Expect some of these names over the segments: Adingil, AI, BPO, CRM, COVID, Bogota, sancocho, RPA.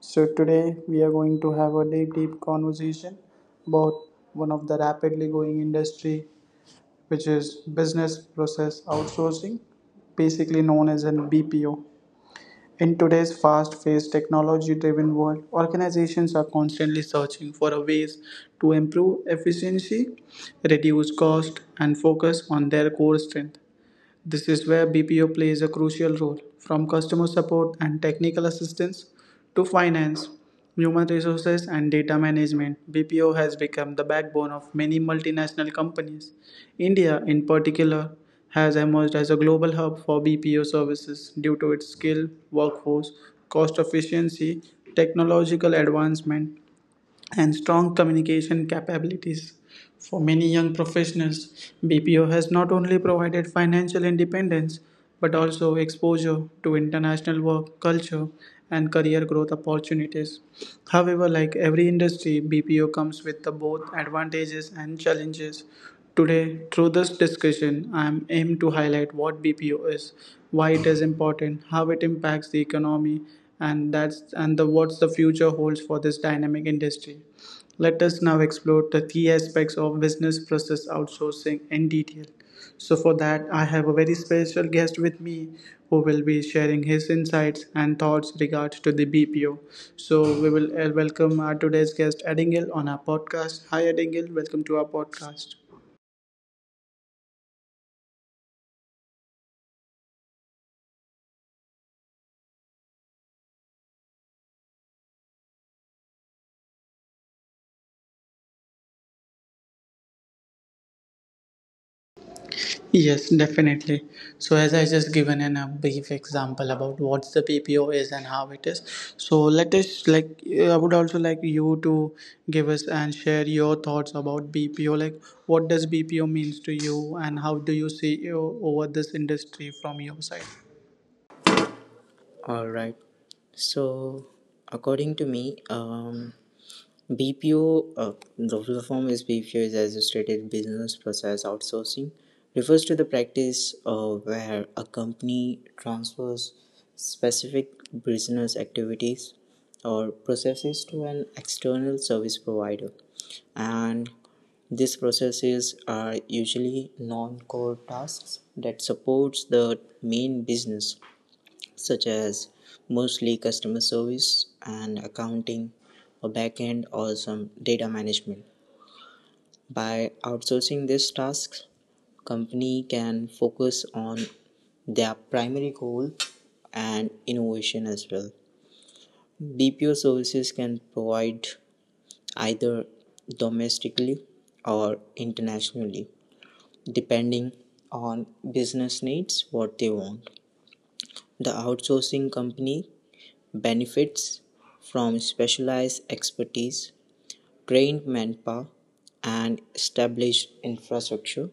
So, today we are going to have a deep conversation about one of the rapidly growing industry, which is business process outsourcing, basically known as an BPO. In today's fast paced, technology driven world, organizations are constantly searching for a ways to improve efficiency, reduce cost, and focus on their core strength. This is where BPO plays a crucial role, from customer support and technical assistance to finance, human resources, and data management. BPO has become the backbone of many multinational companies. India, in particular, has emerged as a global hub for BPO services due to its skilled workforce, cost efficiency, technological advancement, and strong communication capabilities. For many young professionals, BPO has not only provided financial independence but also exposure to international work culture and career growth opportunities. However, like every industry, BPO comes with the both advantages and challenges. Today, through this discussion, I am aimed to highlight what BPO is, why it is important, how it impacts the economy, and that's and the what's the future holds for this dynamic industry. Let us now explore the key aspects of business process outsourcing in detail. So for that, I have a very special guest with me who will be sharing his insights and thoughts regards to the BPO. So we will welcome our today's guest, Adingil, on our podcast. Hi, Adingil. Welcome to our podcast. Yes, definitely. So, as I just given in a brief example about what the PPO is and how it is, so let us I would also like you to give us and share your thoughts about BPO. Like, what does BPO means to you, and how do you see over this industry from your side? All right. So, according to me, BPO, the full form is BPO is Associated Business Process Outsourcing, refers to the practice where a company transfers specific business activities or processes to an external service provider, and these processes are usually non-core tasks that supports the main business such as mostly customer service and accounting or back end or some data management. By outsourcing these tasks, company can focus on their primary goal and innovation as well. BPO services can provide either domestically or internationally depending on business needs what they want the outsourcing company benefits from specialized expertise, trained manpower, and established infrastructure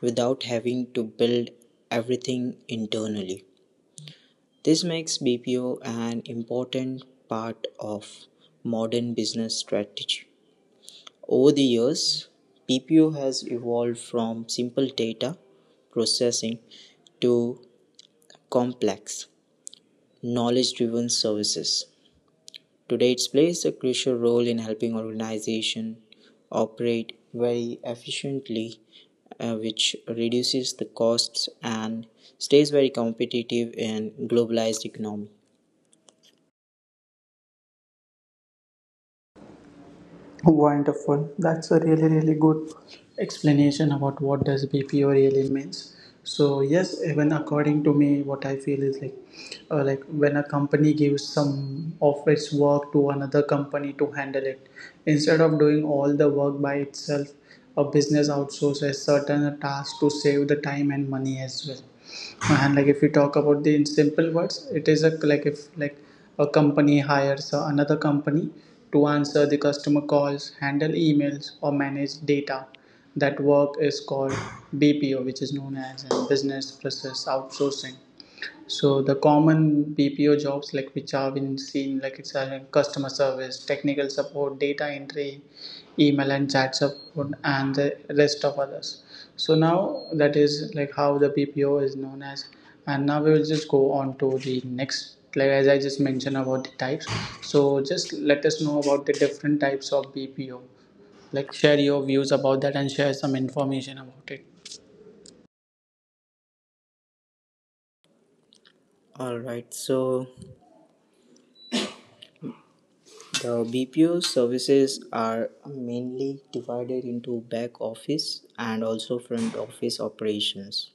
without having to build everything internally. This makes BPO an important part of modern business strategy. Over the years, BPO has evolved from simple data processing to complex knowledge driven services. Today it plays a crucial role in helping organizations operate very efficiently, which reduces the costs and stays very competitive in globalized economy. Wonderful. That's a really good explanation about what does BPO really means. So yes, even according to me, what I feel is like when a company gives some of its work to another company to handle it, instead of doing all the work by itself, a business outsources certain tasks to save the time and money as well. And like if we talk about the in simple words, it is a like if like a company hires another company to answer the customer calls, handle emails or manage data, that work is called BPO, which is known as a business process outsourcing. So the common BPO jobs like which have been seen, like it's a customer service, technical support, data entry, email and chat support, and the rest of others. So now that is like how the BPO is known as, and now we will just go on to the next. Like as I just mentioned about the types, so just let us know about the different types of BPO. Like share your views about that and share some information about it. All right, so the BPO services are mainly divided into back office and also front office operations.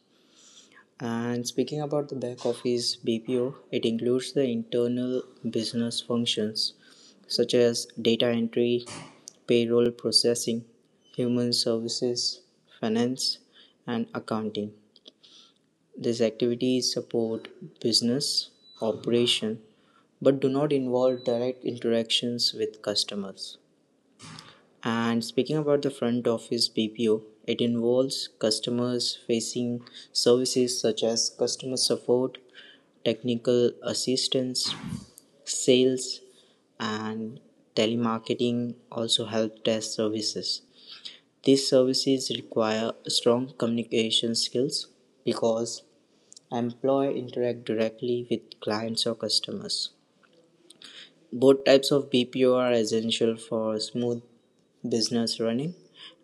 And speaking about the back office BPO, it includes the internal business functions such as data entry, payroll processing, human services, finance, and accounting. These activities support business operation but do not involve direct interactions with customers. And speaking about the front office BPO, it involves customers facing services such as customer support, technical assistance, sales, and telemarketing also help desk services. These services require strong communication skills because employee interact directly with clients or customers. Both types of BPO are essential for smooth business running.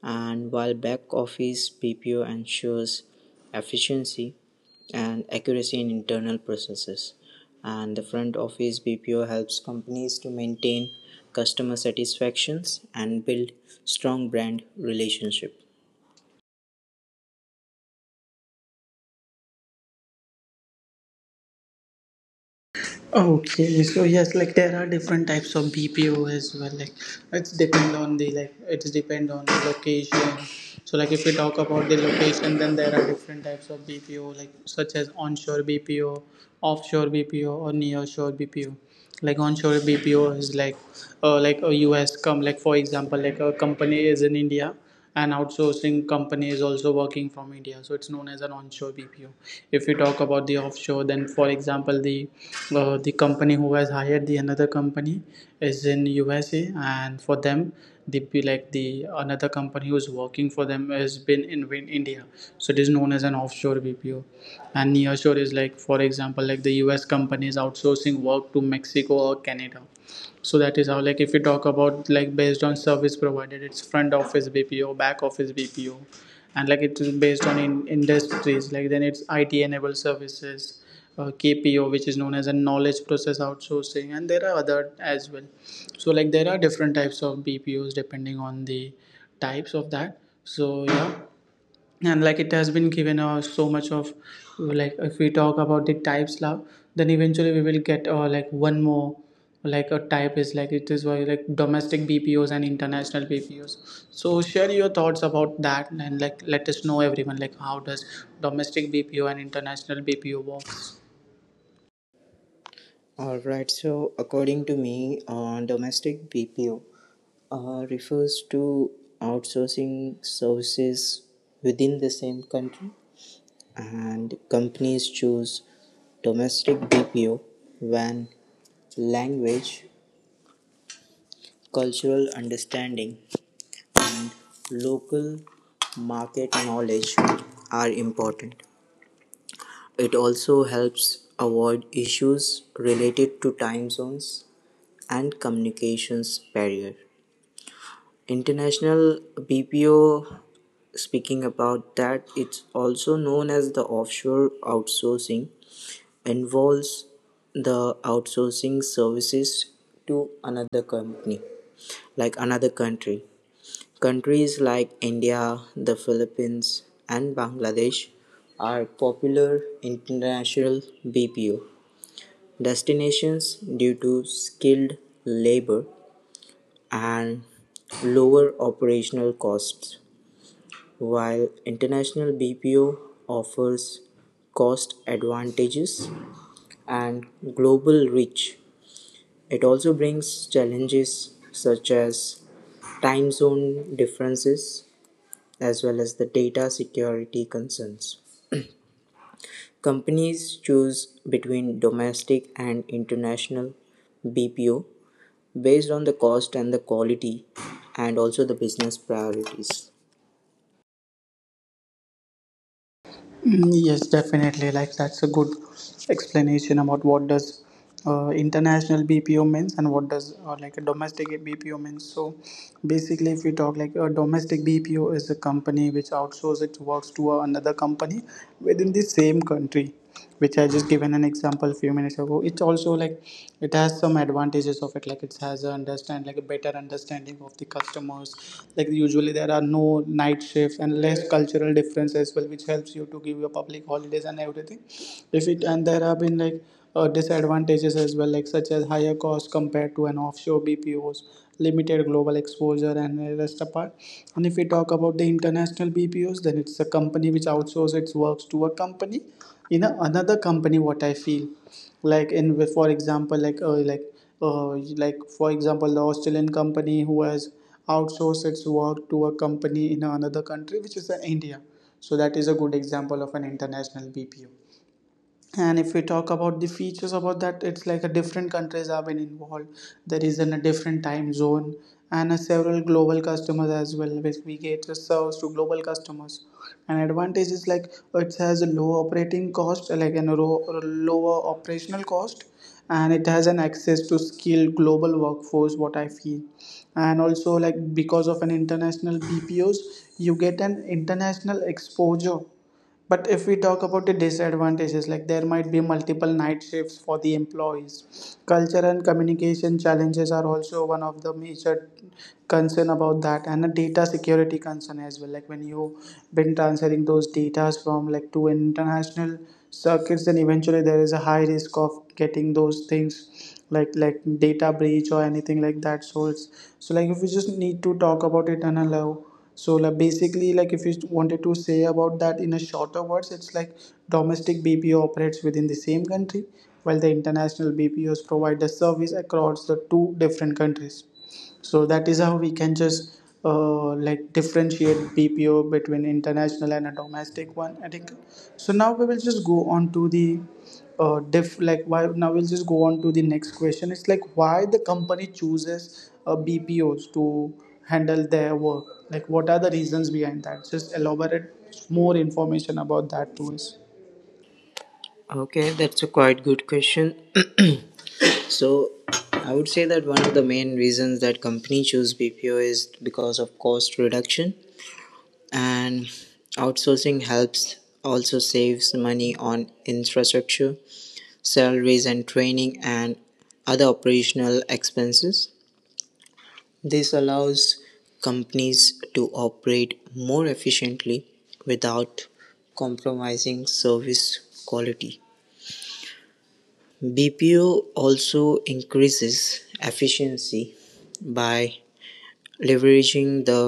And while back office BPO ensures efficiency and accuracy in internal processes, and the front office BPO helps companies to maintain customer satisfactions and build strong brand relationship. Okay, so yes, like there are different types of BPO as well. Like it's depend on the like it's depend on the location. So like if we talk about the location, then there are different types of BPO, like such as onshore BPO, offshore BPO, or nearshore BPO. Like onshore BPO is like a US come like for example, like a company is in India, an outsourcing company is also working from India. So it's known as an onshore BPO. If we talk about the offshore, then for example, the company who has hired the another company is in USA, and for them, the like the another company who is working for them has been in India. So it is known as an offshore BPO. And nearshore is like, for example, like the US companies outsourcing work to Mexico or Canada. So that is how, like if we talk about, like based on service provided, it's front office BPO, back office BPO, and like it is based on in industries, like then it's IT enabled services, KPO, which is known as a knowledge process outsourcing, and there are other as well. So like there are different types of BPOs depending on the types of that. So yeah, and like it has been given us so much of, like if we talk about the types now, then eventually we will get like one more like a type is like it is why like domestic BPOs and international BPOs. So share your thoughts about that and like let us know everyone, like how does domestic BPO and international BPO work? All right, so according to me, on domestic BPO refers to outsourcing services within the same country and companies choose domestic BPO when language, cultural understanding, and local market knowledge are important. It also helps avoid issues related to time zones and communications barrier. International BPO, speaking about that, it's also known as the offshore outsourcing involves the outsourcing services to another company like another country countries like India, the Philippines, and Bangladesh are popular international BPO destinations due to skilled labor and lower operational costs while international BPO offers cost advantages and global reach. It also brings challenges such as time zone differences as well as the data security concerns. Companies choose between domestic and international BPO based on the cost and the quality and also the business priorities. Mm, yes, definitely. Like that's a good explanation about what does international BPO means and what does like a domestic BPO means. So basically, if we talk, like a domestic BPO is a company which outsources its works to another company within the same country, which I just given an example a few minutes ago. It's also like it has some advantages of it, like it has a understand, like a better understanding of the customers, like usually there are no night shifts and less cultural difference as well, which helps you to give your public holidays and everything if it. And there have been like disadvantages as well, like such as higher cost compared to an offshore BPOs, limited global exposure and the rest apart. And if we talk about the international BPOs, then it's a company which outsources its works to a company in a, another company, what I feel, like in with, for example, uh, like for example, the australian company who has outsourced its work to a company in another country, which is India. So that is a good example of an international BPO. And if we talk about the features about that, it's like a different countries have been involved, there is in a different time zone and a several global customers as well, which we get a service to global customers. And advantage is like it has a low operating cost, like an lower operational cost, and it has an access to skilled global workforce, what I feel. And also like because of an international BPOs, you get an international exposure. But if we talk about the disadvantages, like there might be multiple night shifts for the employees. Culture and communication challenges are also one of the major concern about that, and a data security concern as well. Like when you been transferring those data from like to international circuits, then eventually there is a high risk of getting those things like data breach or anything like that. So it's so like if we just need to talk about it and allow, so like basically, like if you wanted to say about that in a shorter words, it's like domestic BPO operates within the same country, while the international BPOs provide the service across the two different countries. So that is how we can just like differentiate BPO between international and a domestic one, I think. So now we will just go on to the diff like why, now we'll just go on to the next question. It's like why the company chooses BPOs to handle their work, like what are the reasons behind that? Just elaborate more information about that to us. Okay, that's a quite good question. So, I would say that one of the main reasons that company choose BPO is because of cost reduction and outsourcing helps also saves money on infrastructure salaries and training and other operational expenses this allows companies to operate more efficiently without compromising service quality. BPO also increases efficiency by leveraging the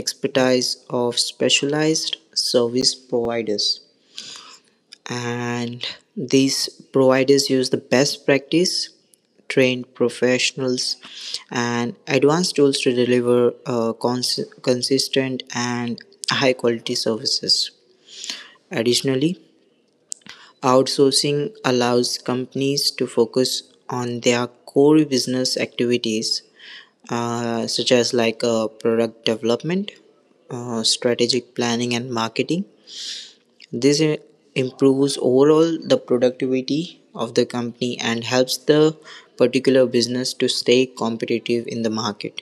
expertise of specialized service providers and these providers use the best practice trained professionals and advanced tools to deliver consistent and high quality services. Additionally, outsourcing allows companies to focus on their core business activities such as product development, strategic planning and marketing. This improves overall the productivity of the company and helps the particular business to stay competitive in the market.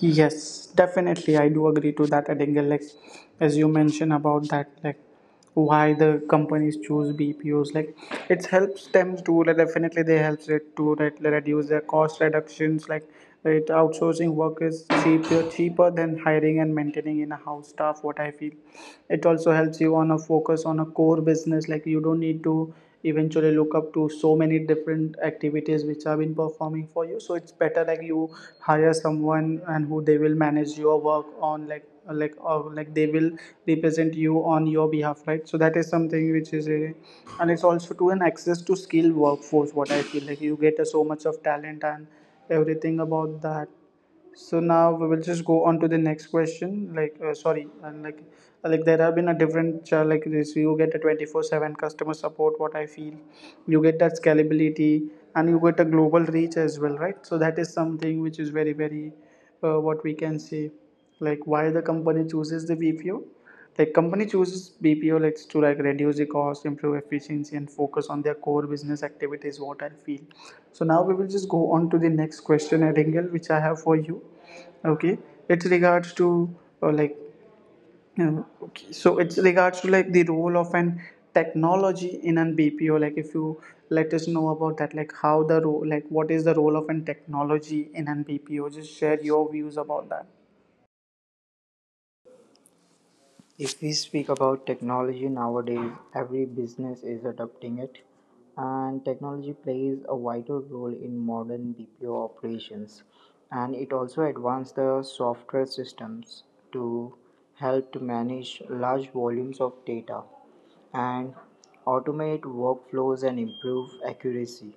Yes, definitely. I do agree to that, Adengal. Like, as you mentioned about that, like, why the companies choose BPOs, like, it helps them to like, definitely they helps it to like, reduce their cost reductions. Like, it outsourcing work is cheaper than hiring and maintaining in a house staff. What I feel, it also helps you on a focus on a core business, like you don't need to eventually look up to so many different activities which have been performing for you. So it's better like you hire someone and who they will manage your work on like or like they will represent you on your behalf, right? So that is something which is a, and it's also to an access to skilled workforce, what I feel, like you get a so much of talent and everything about that. So now we will just go on to the next question. Like, sorry, and like there have been a different cha- like this. You get a 24/7 customer support. What I feel, you get that scalability, and you get a global reach as well, right? So that is something which is very what we can say, like why the company chooses the BPO. Like company chooses BPO like to like reduce the cost, improve efficiency, and focus on their core business activities. What I feel. So now we will just go on to the next question, at angle, which I have for you. Okay, it's regards to uh, like it's regards to like the role of an technology in an BPO. Like if you let us know about that, like how the role, like what is the role of an technology in an BPO? Just share your views about that. If we speak about technology nowadays, every business is adopting it, and technology plays a vital role in modern BPO operations. And it also advanced the software systems to help to manage large volumes of data and automate workflows and improve accuracy.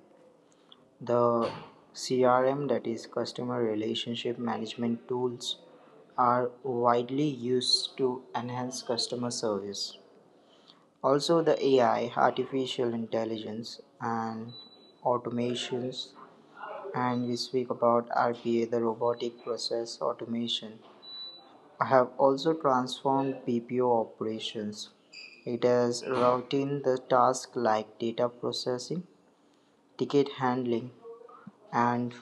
The CRM, that is customer relationship management tools, are widely used to enhance customer service. Also, the AI, artificial intelligence, and automations, and we speak about RPA, the robotic process automation, I have also transformed BPO operations. It has routine the tasks like data processing, ticket handling, and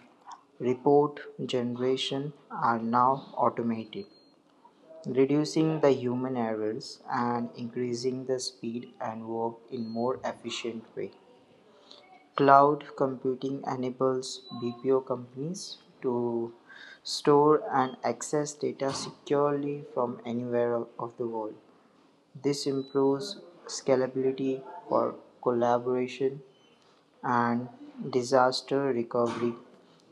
report generation are now automated, reducing the human errors and increasing the speed and work in more efficient way. Cloud computing enables BPO companies to store and access data securely from anywhere of the world. This improves scalability for collaboration and disaster recovery,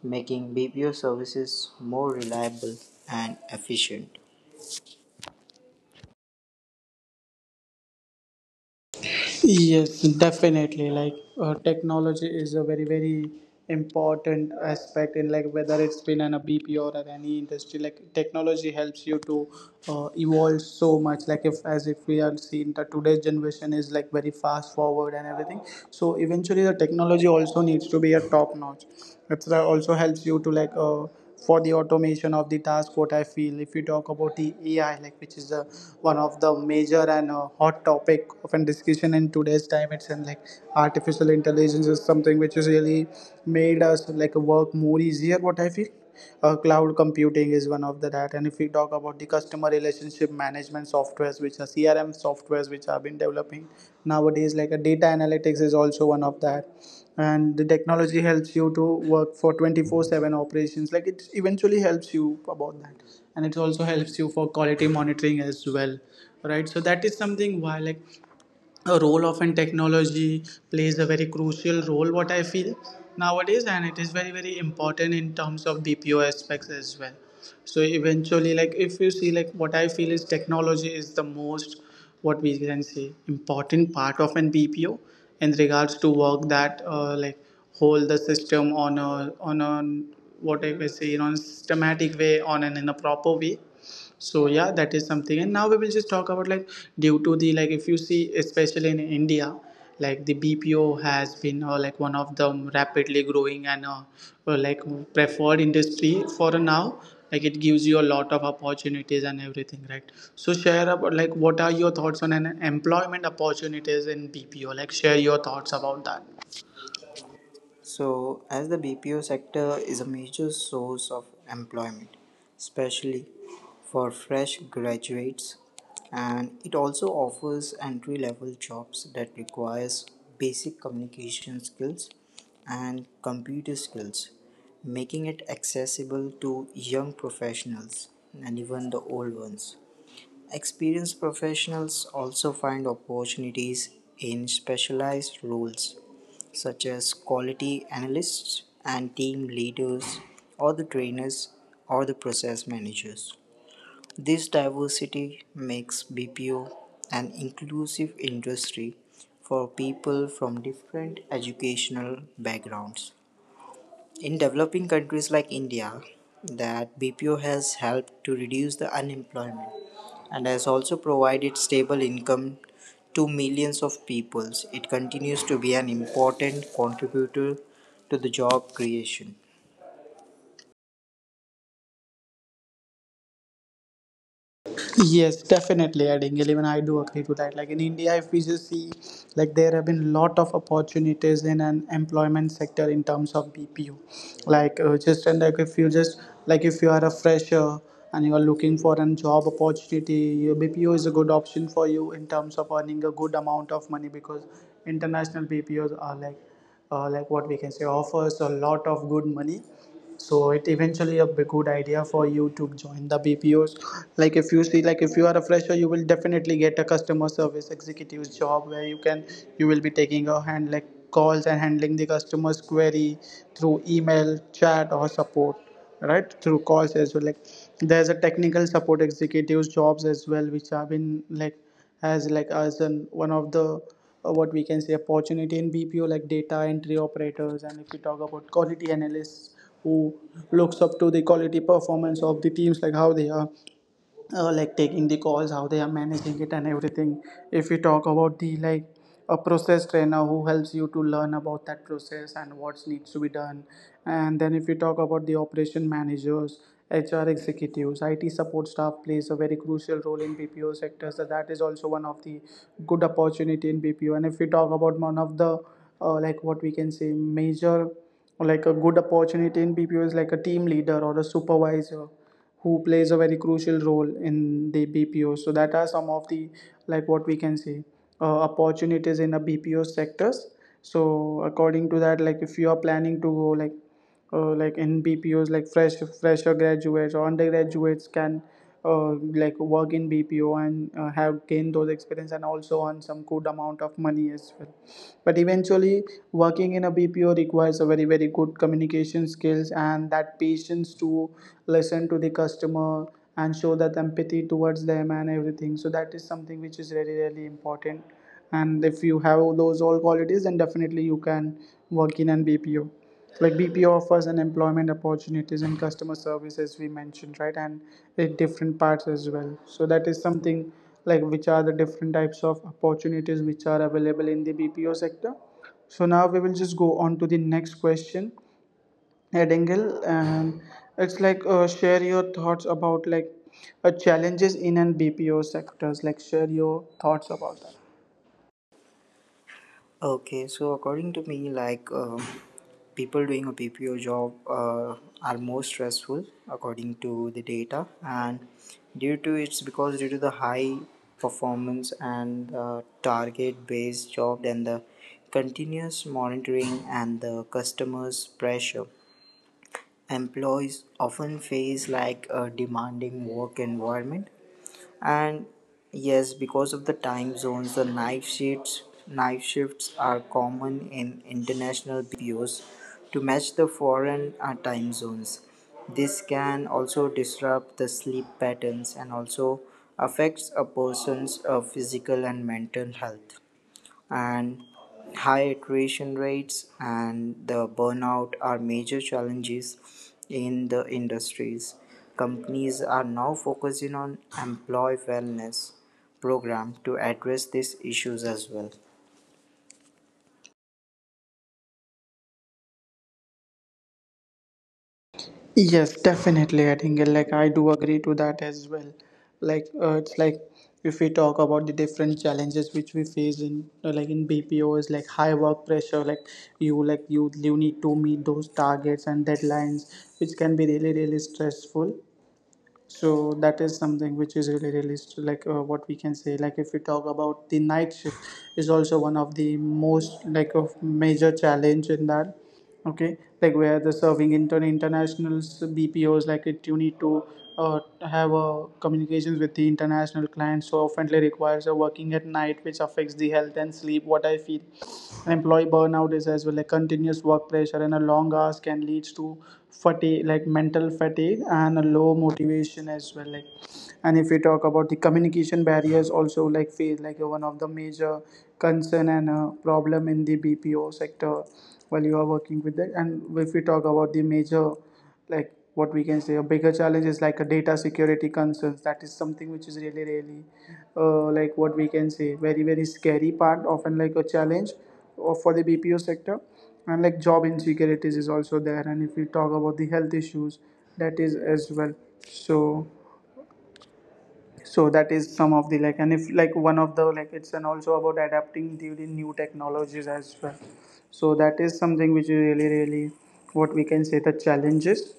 making BPO services more reliable and efficient. Yes, definitely. Technology is a very very important aspect in like whether it's been in a B P or any industry. Like technology helps you to evolve so much. Like if as if we are seeing that today's generation is like very fast forward and everything. So eventually the technology also needs to be a top notch. It also helps you to for the automation of the task, what I feel. If you talk about the AI, like which is the one of the major and hot topic of an discussion in today's time, it's in like artificial intelligence is something which is really made us like work more easier, what I feel. Cloud computing is one of the that, and if we talk about the customer relationship management softwares, which are CRM softwares, which have been developing nowadays, like a data analytics is also one of that. And the technology helps you to work for 24/7 operations, like it eventually helps you about that, and it also helps you for quality monitoring as well, right? So that is something why like a role of and technology plays a very crucial role, what I feel nowadays, and it is very very important in terms of BPO aspects as well. So eventually, like if you see, like what I feel is technology is the most, what we can say, important part of an BPO in regards to work that like hold the system on a on a, what I would say, in a systematic way, on an in a proper way. So yeah, that is something. And now we will just talk about like due to the like if you see especially in India, like the BPO has been like one of the rapidly growing and like preferred industry for now. Like it gives you a lot of opportunities and everything, right? So share about like what are your thoughts on an employment opportunities in BPO, like share your thoughts about that. So, as the BPO sector is a major source of employment, especially for fresh graduates, and it also offers entry level jobs that requires basic communication skills and computer skills, making it accessible to young professionals and even the old ones. Experienced professionals also find opportunities in specialized roles such as quality analysts and team leaders, or the trainers, or the process managers. This diversity makes BPO an inclusive industry for people from different educational backgrounds. In developing countries like India, that BPO has helped to reduce the unemployment and has also provided stable income to millions of peoples, it continues to be an important contributor to the job creation. Yes, definitely adding. Even I do agree to that. Like in India, if we just see, like there have been lot of opportunities in an employment sector in terms of BPO. Just and like if you just like if you are a fresher and you are looking for a job opportunity, your BPO is a good option for you in terms of earning a good amount of money, because international BPOs are like what we can say offers a lot of good money. So it eventually a good idea for you to join the BPOs. Like if you see, like if you are a fresher, you will definitely get a customer service executive's job, where you can you will be taking a hand like calls and handling the customer's query through email, chat or support, right, through calls as well. Like there's a technical support executives jobs as well, which have been like as an one of the what we can say opportunity in BPO, like data entry operators. And if we talk about quality analysts, who looks up to the quality performance of the teams, like how they are like taking the calls, how they are managing it and everything. If we talk about the like a process trainer, who helps you to learn about that process and what needs to be done. And then if we talk about the operation managers, HR executives, IT support staff plays a very crucial role in BPO sector. So that is also one of the good opportunity in BPO. And if we talk about one of the like what we can say major like a good opportunity in BPO is like a team leader or a supervisor, who plays a very crucial role in the BPO. So that are some of the like what we can see opportunities in the BPO sectors. So according to that, like if you are planning to go like in BPOs, like fresher graduates or undergraduates can uh, like work in BPO and have gained those experience and also earn some good amount of money as well. But eventually, working in a BPO requires a very very good communication skills and that patience to listen to the customer and show that empathy towards them and everything. So that is something which is really really important. And if you have those all qualities, then definitely you can work in an BPO. Like BPO offers an employment opportunities and customer service, as we mentioned, right? And in different parts as well. So that is something, like, which are the different types of opportunities which are available in the BPO sector. So now we will just go on to the next question at Engel, and it's like share your thoughts about challenges in and BPO sectors. Like share your thoughts about that. Okay, so according to me, like people doing a PPO job are more stressful according to the data, and due to the high performance and target-based job and the continuous monitoring and the customers' pressure. Employees often face like a demanding work environment, and yes, because of the time zones, the night shifts are common in international BPOs to match the foreign time zones. This can also disrupt the sleep patterns and also affects a person's physical and mental health and high attrition rates and the burnout are major challenges in the industries. Companies are now focusing on employee wellness program to address these issues as well. Yes, definitely. I think like I do agree to that as well. It's like if we talk about the different challenges which we face in like in BPO is like high work pressure. Like you you need to meet those targets and deadlines, which can be really really stressful. So that is something which is really really like what we can say, like if we talk about the night shift is also one of the most like of major challenge in that. Okay, like where the serving intern internationals BPOs, like it you need to uh, have communications with the international clients, so often requires a working at night, which affects the health and sleep, what I feel. Employee burnout is as well, like continuous work pressure and a long hours can lead to fatigue, like mental fatigue and a low motivation as well. Like and if we talk about the communication barriers also like face, like one of the major concern and problem in the BPO sector while you are working with it. And if we talk about the major like what we can say a bigger challenge is like a data security concerns, that is something which is really really like what we can say very very scary part often like a challenge or for the BPO sector. And like job insecurities is also there. And if we talk about the health issues, that is as well. So so that is some of the like, and if like one of the like it's, and also about adapting to the new technologies as well. So that is something which is really really, what we can say, the challenges.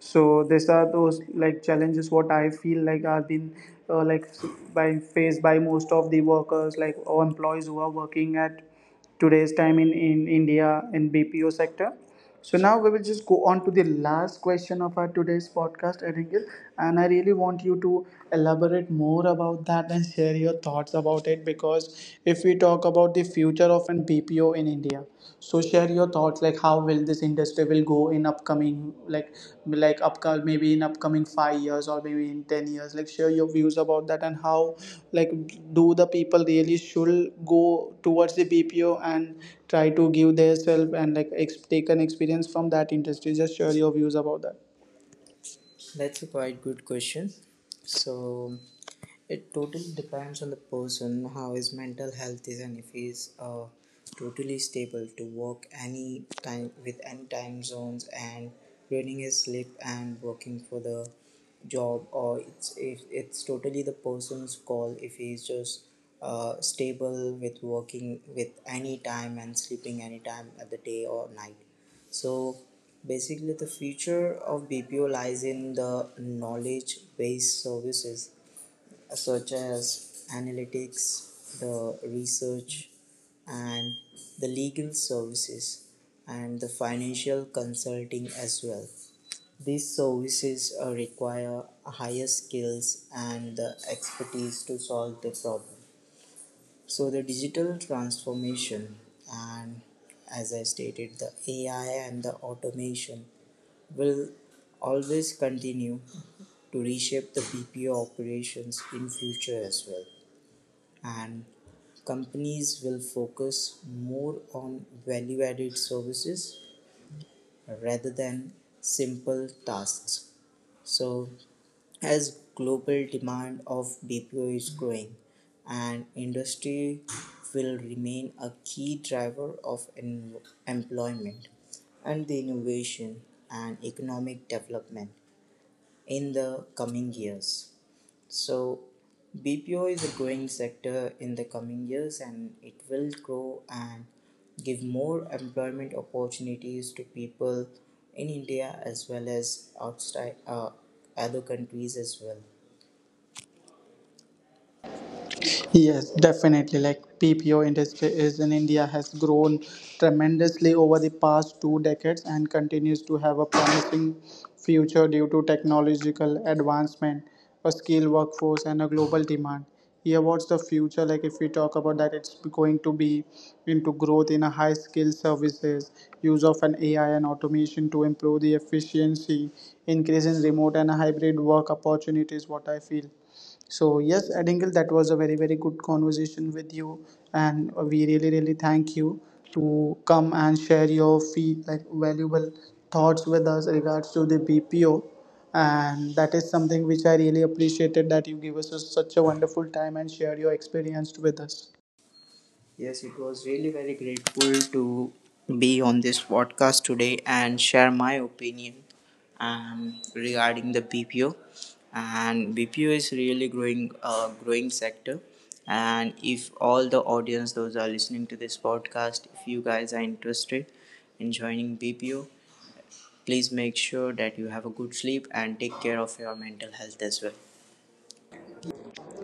So these are those like challenges what I feel like are been like by faced by most of the workers like or employees who are working at today's time in India in BPO sector. So now we will just go on to the last question of our today's podcast, Aringil, and I really want you to elaborate more about that and share your thoughts about it. Because if we talk about the future of an BPO in India, so share your thoughts, like how will this industry will go in up upcoming like upcoming maybe in upcoming 5 years or maybe in 10 years, like share your views about that, and how like do the people really should go towards the BPO and try to give their self and like take an experience from that industry. Just share your views about that. That's a quite good question. So it totally depends on the person, how his mental health is, and if he's totally stable to work any time with any time zones and reading his sleep and working for the job, or it's if it's totally the person's call if he's just stable with working with any time and sleeping any time at the day or night. So basically, the future of BPO lies in the knowledge based services such as analytics, the research, and the legal services and the financial consulting as well. These services require higher skills and the expertise to solve the problem. So, the digital transformation and as I stated, the AI and the automation will always continue to reshape the BPO operations in future as well and companies will focus more on value added services rather than simple tasks. So, as global demand of BPO is growing, and industry will remain a key driver of employment and the innovation and economic development in the coming years. So, BPO is a growing sector in the coming years and it will grow and give more employment opportunities to people in India as well as outside other countries as well. Yes, definitely. Like PPO industry is in India has grown tremendously over the past two decades and continues to have a promising future due to technological advancement, a skilled workforce, and a global demand. Yeah, what's the future? Like if we talk about that, it's going to be into growth in a high skill services, use of an AI and automation to improve the efficiency, increase in remote and hybrid work opportunities, what I feel. So yes, Adingle, that was a very very good conversation with you, and we really really thank you to come and share your fee like valuable thoughts with us regards to the BPO. And that is something which I really appreciated, that you give us such a wonderful time and share your experience with us. Yes, it was really very grateful to be on this podcast today and share my opinion regarding the BPO. And BPO is really growing, growing sector. And if all the audience, those are listening to this podcast, if you guys are interested in joining BPO, please make sure that you have a good sleep and take care of your mental health as well.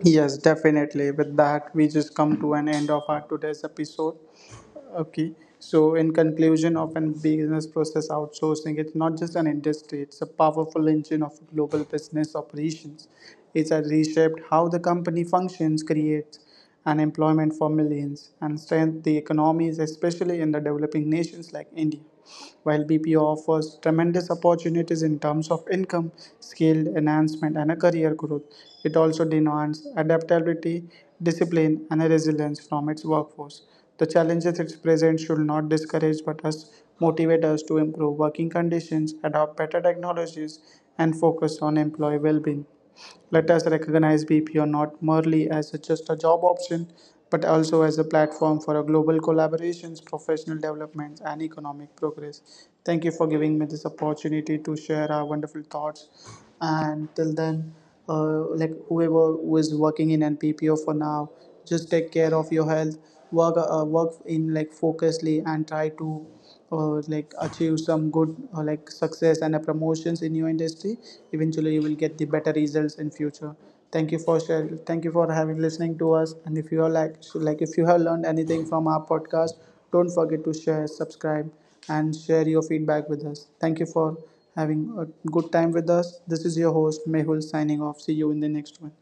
Yes, definitely. With that, we just come to an end of our today's episode. Okay. So, in conclusion of an business process outsourcing, it's not just an industry, it's a powerful engine of global business operations. It's has reshaped how the company functions, creates and employment for millions, and strengthens the economies, especially in the developing nations like India. While BPO offers tremendous opportunities in terms of income, skill enhancement, and a career growth, it also demands adaptability, discipline, and a resilience from its workforce. The challenges it presents should not discourage but us motivate us to improve working conditions, adopt better technologies, and focus on employee well-being. Let us recognize BPO not merely as just a job option, but also as a platform for a global collaborations, professional developments, and economic progress. Thank you for giving me this opportunity to share our wonderful thoughts. And till then, like whoever who is working in NPPO for now, just take care of your health. Work in like focusedly and try to like achieve some good like success and promotions in your industry. Eventually, you will get the better results in future. Thank you for having listening to us. And if you are like if you have learned anything from our podcast, don't forget to share, subscribe, and share your feedback with us. Thank you for having a good time with us. This is your host Mehul signing off. See you in the next one.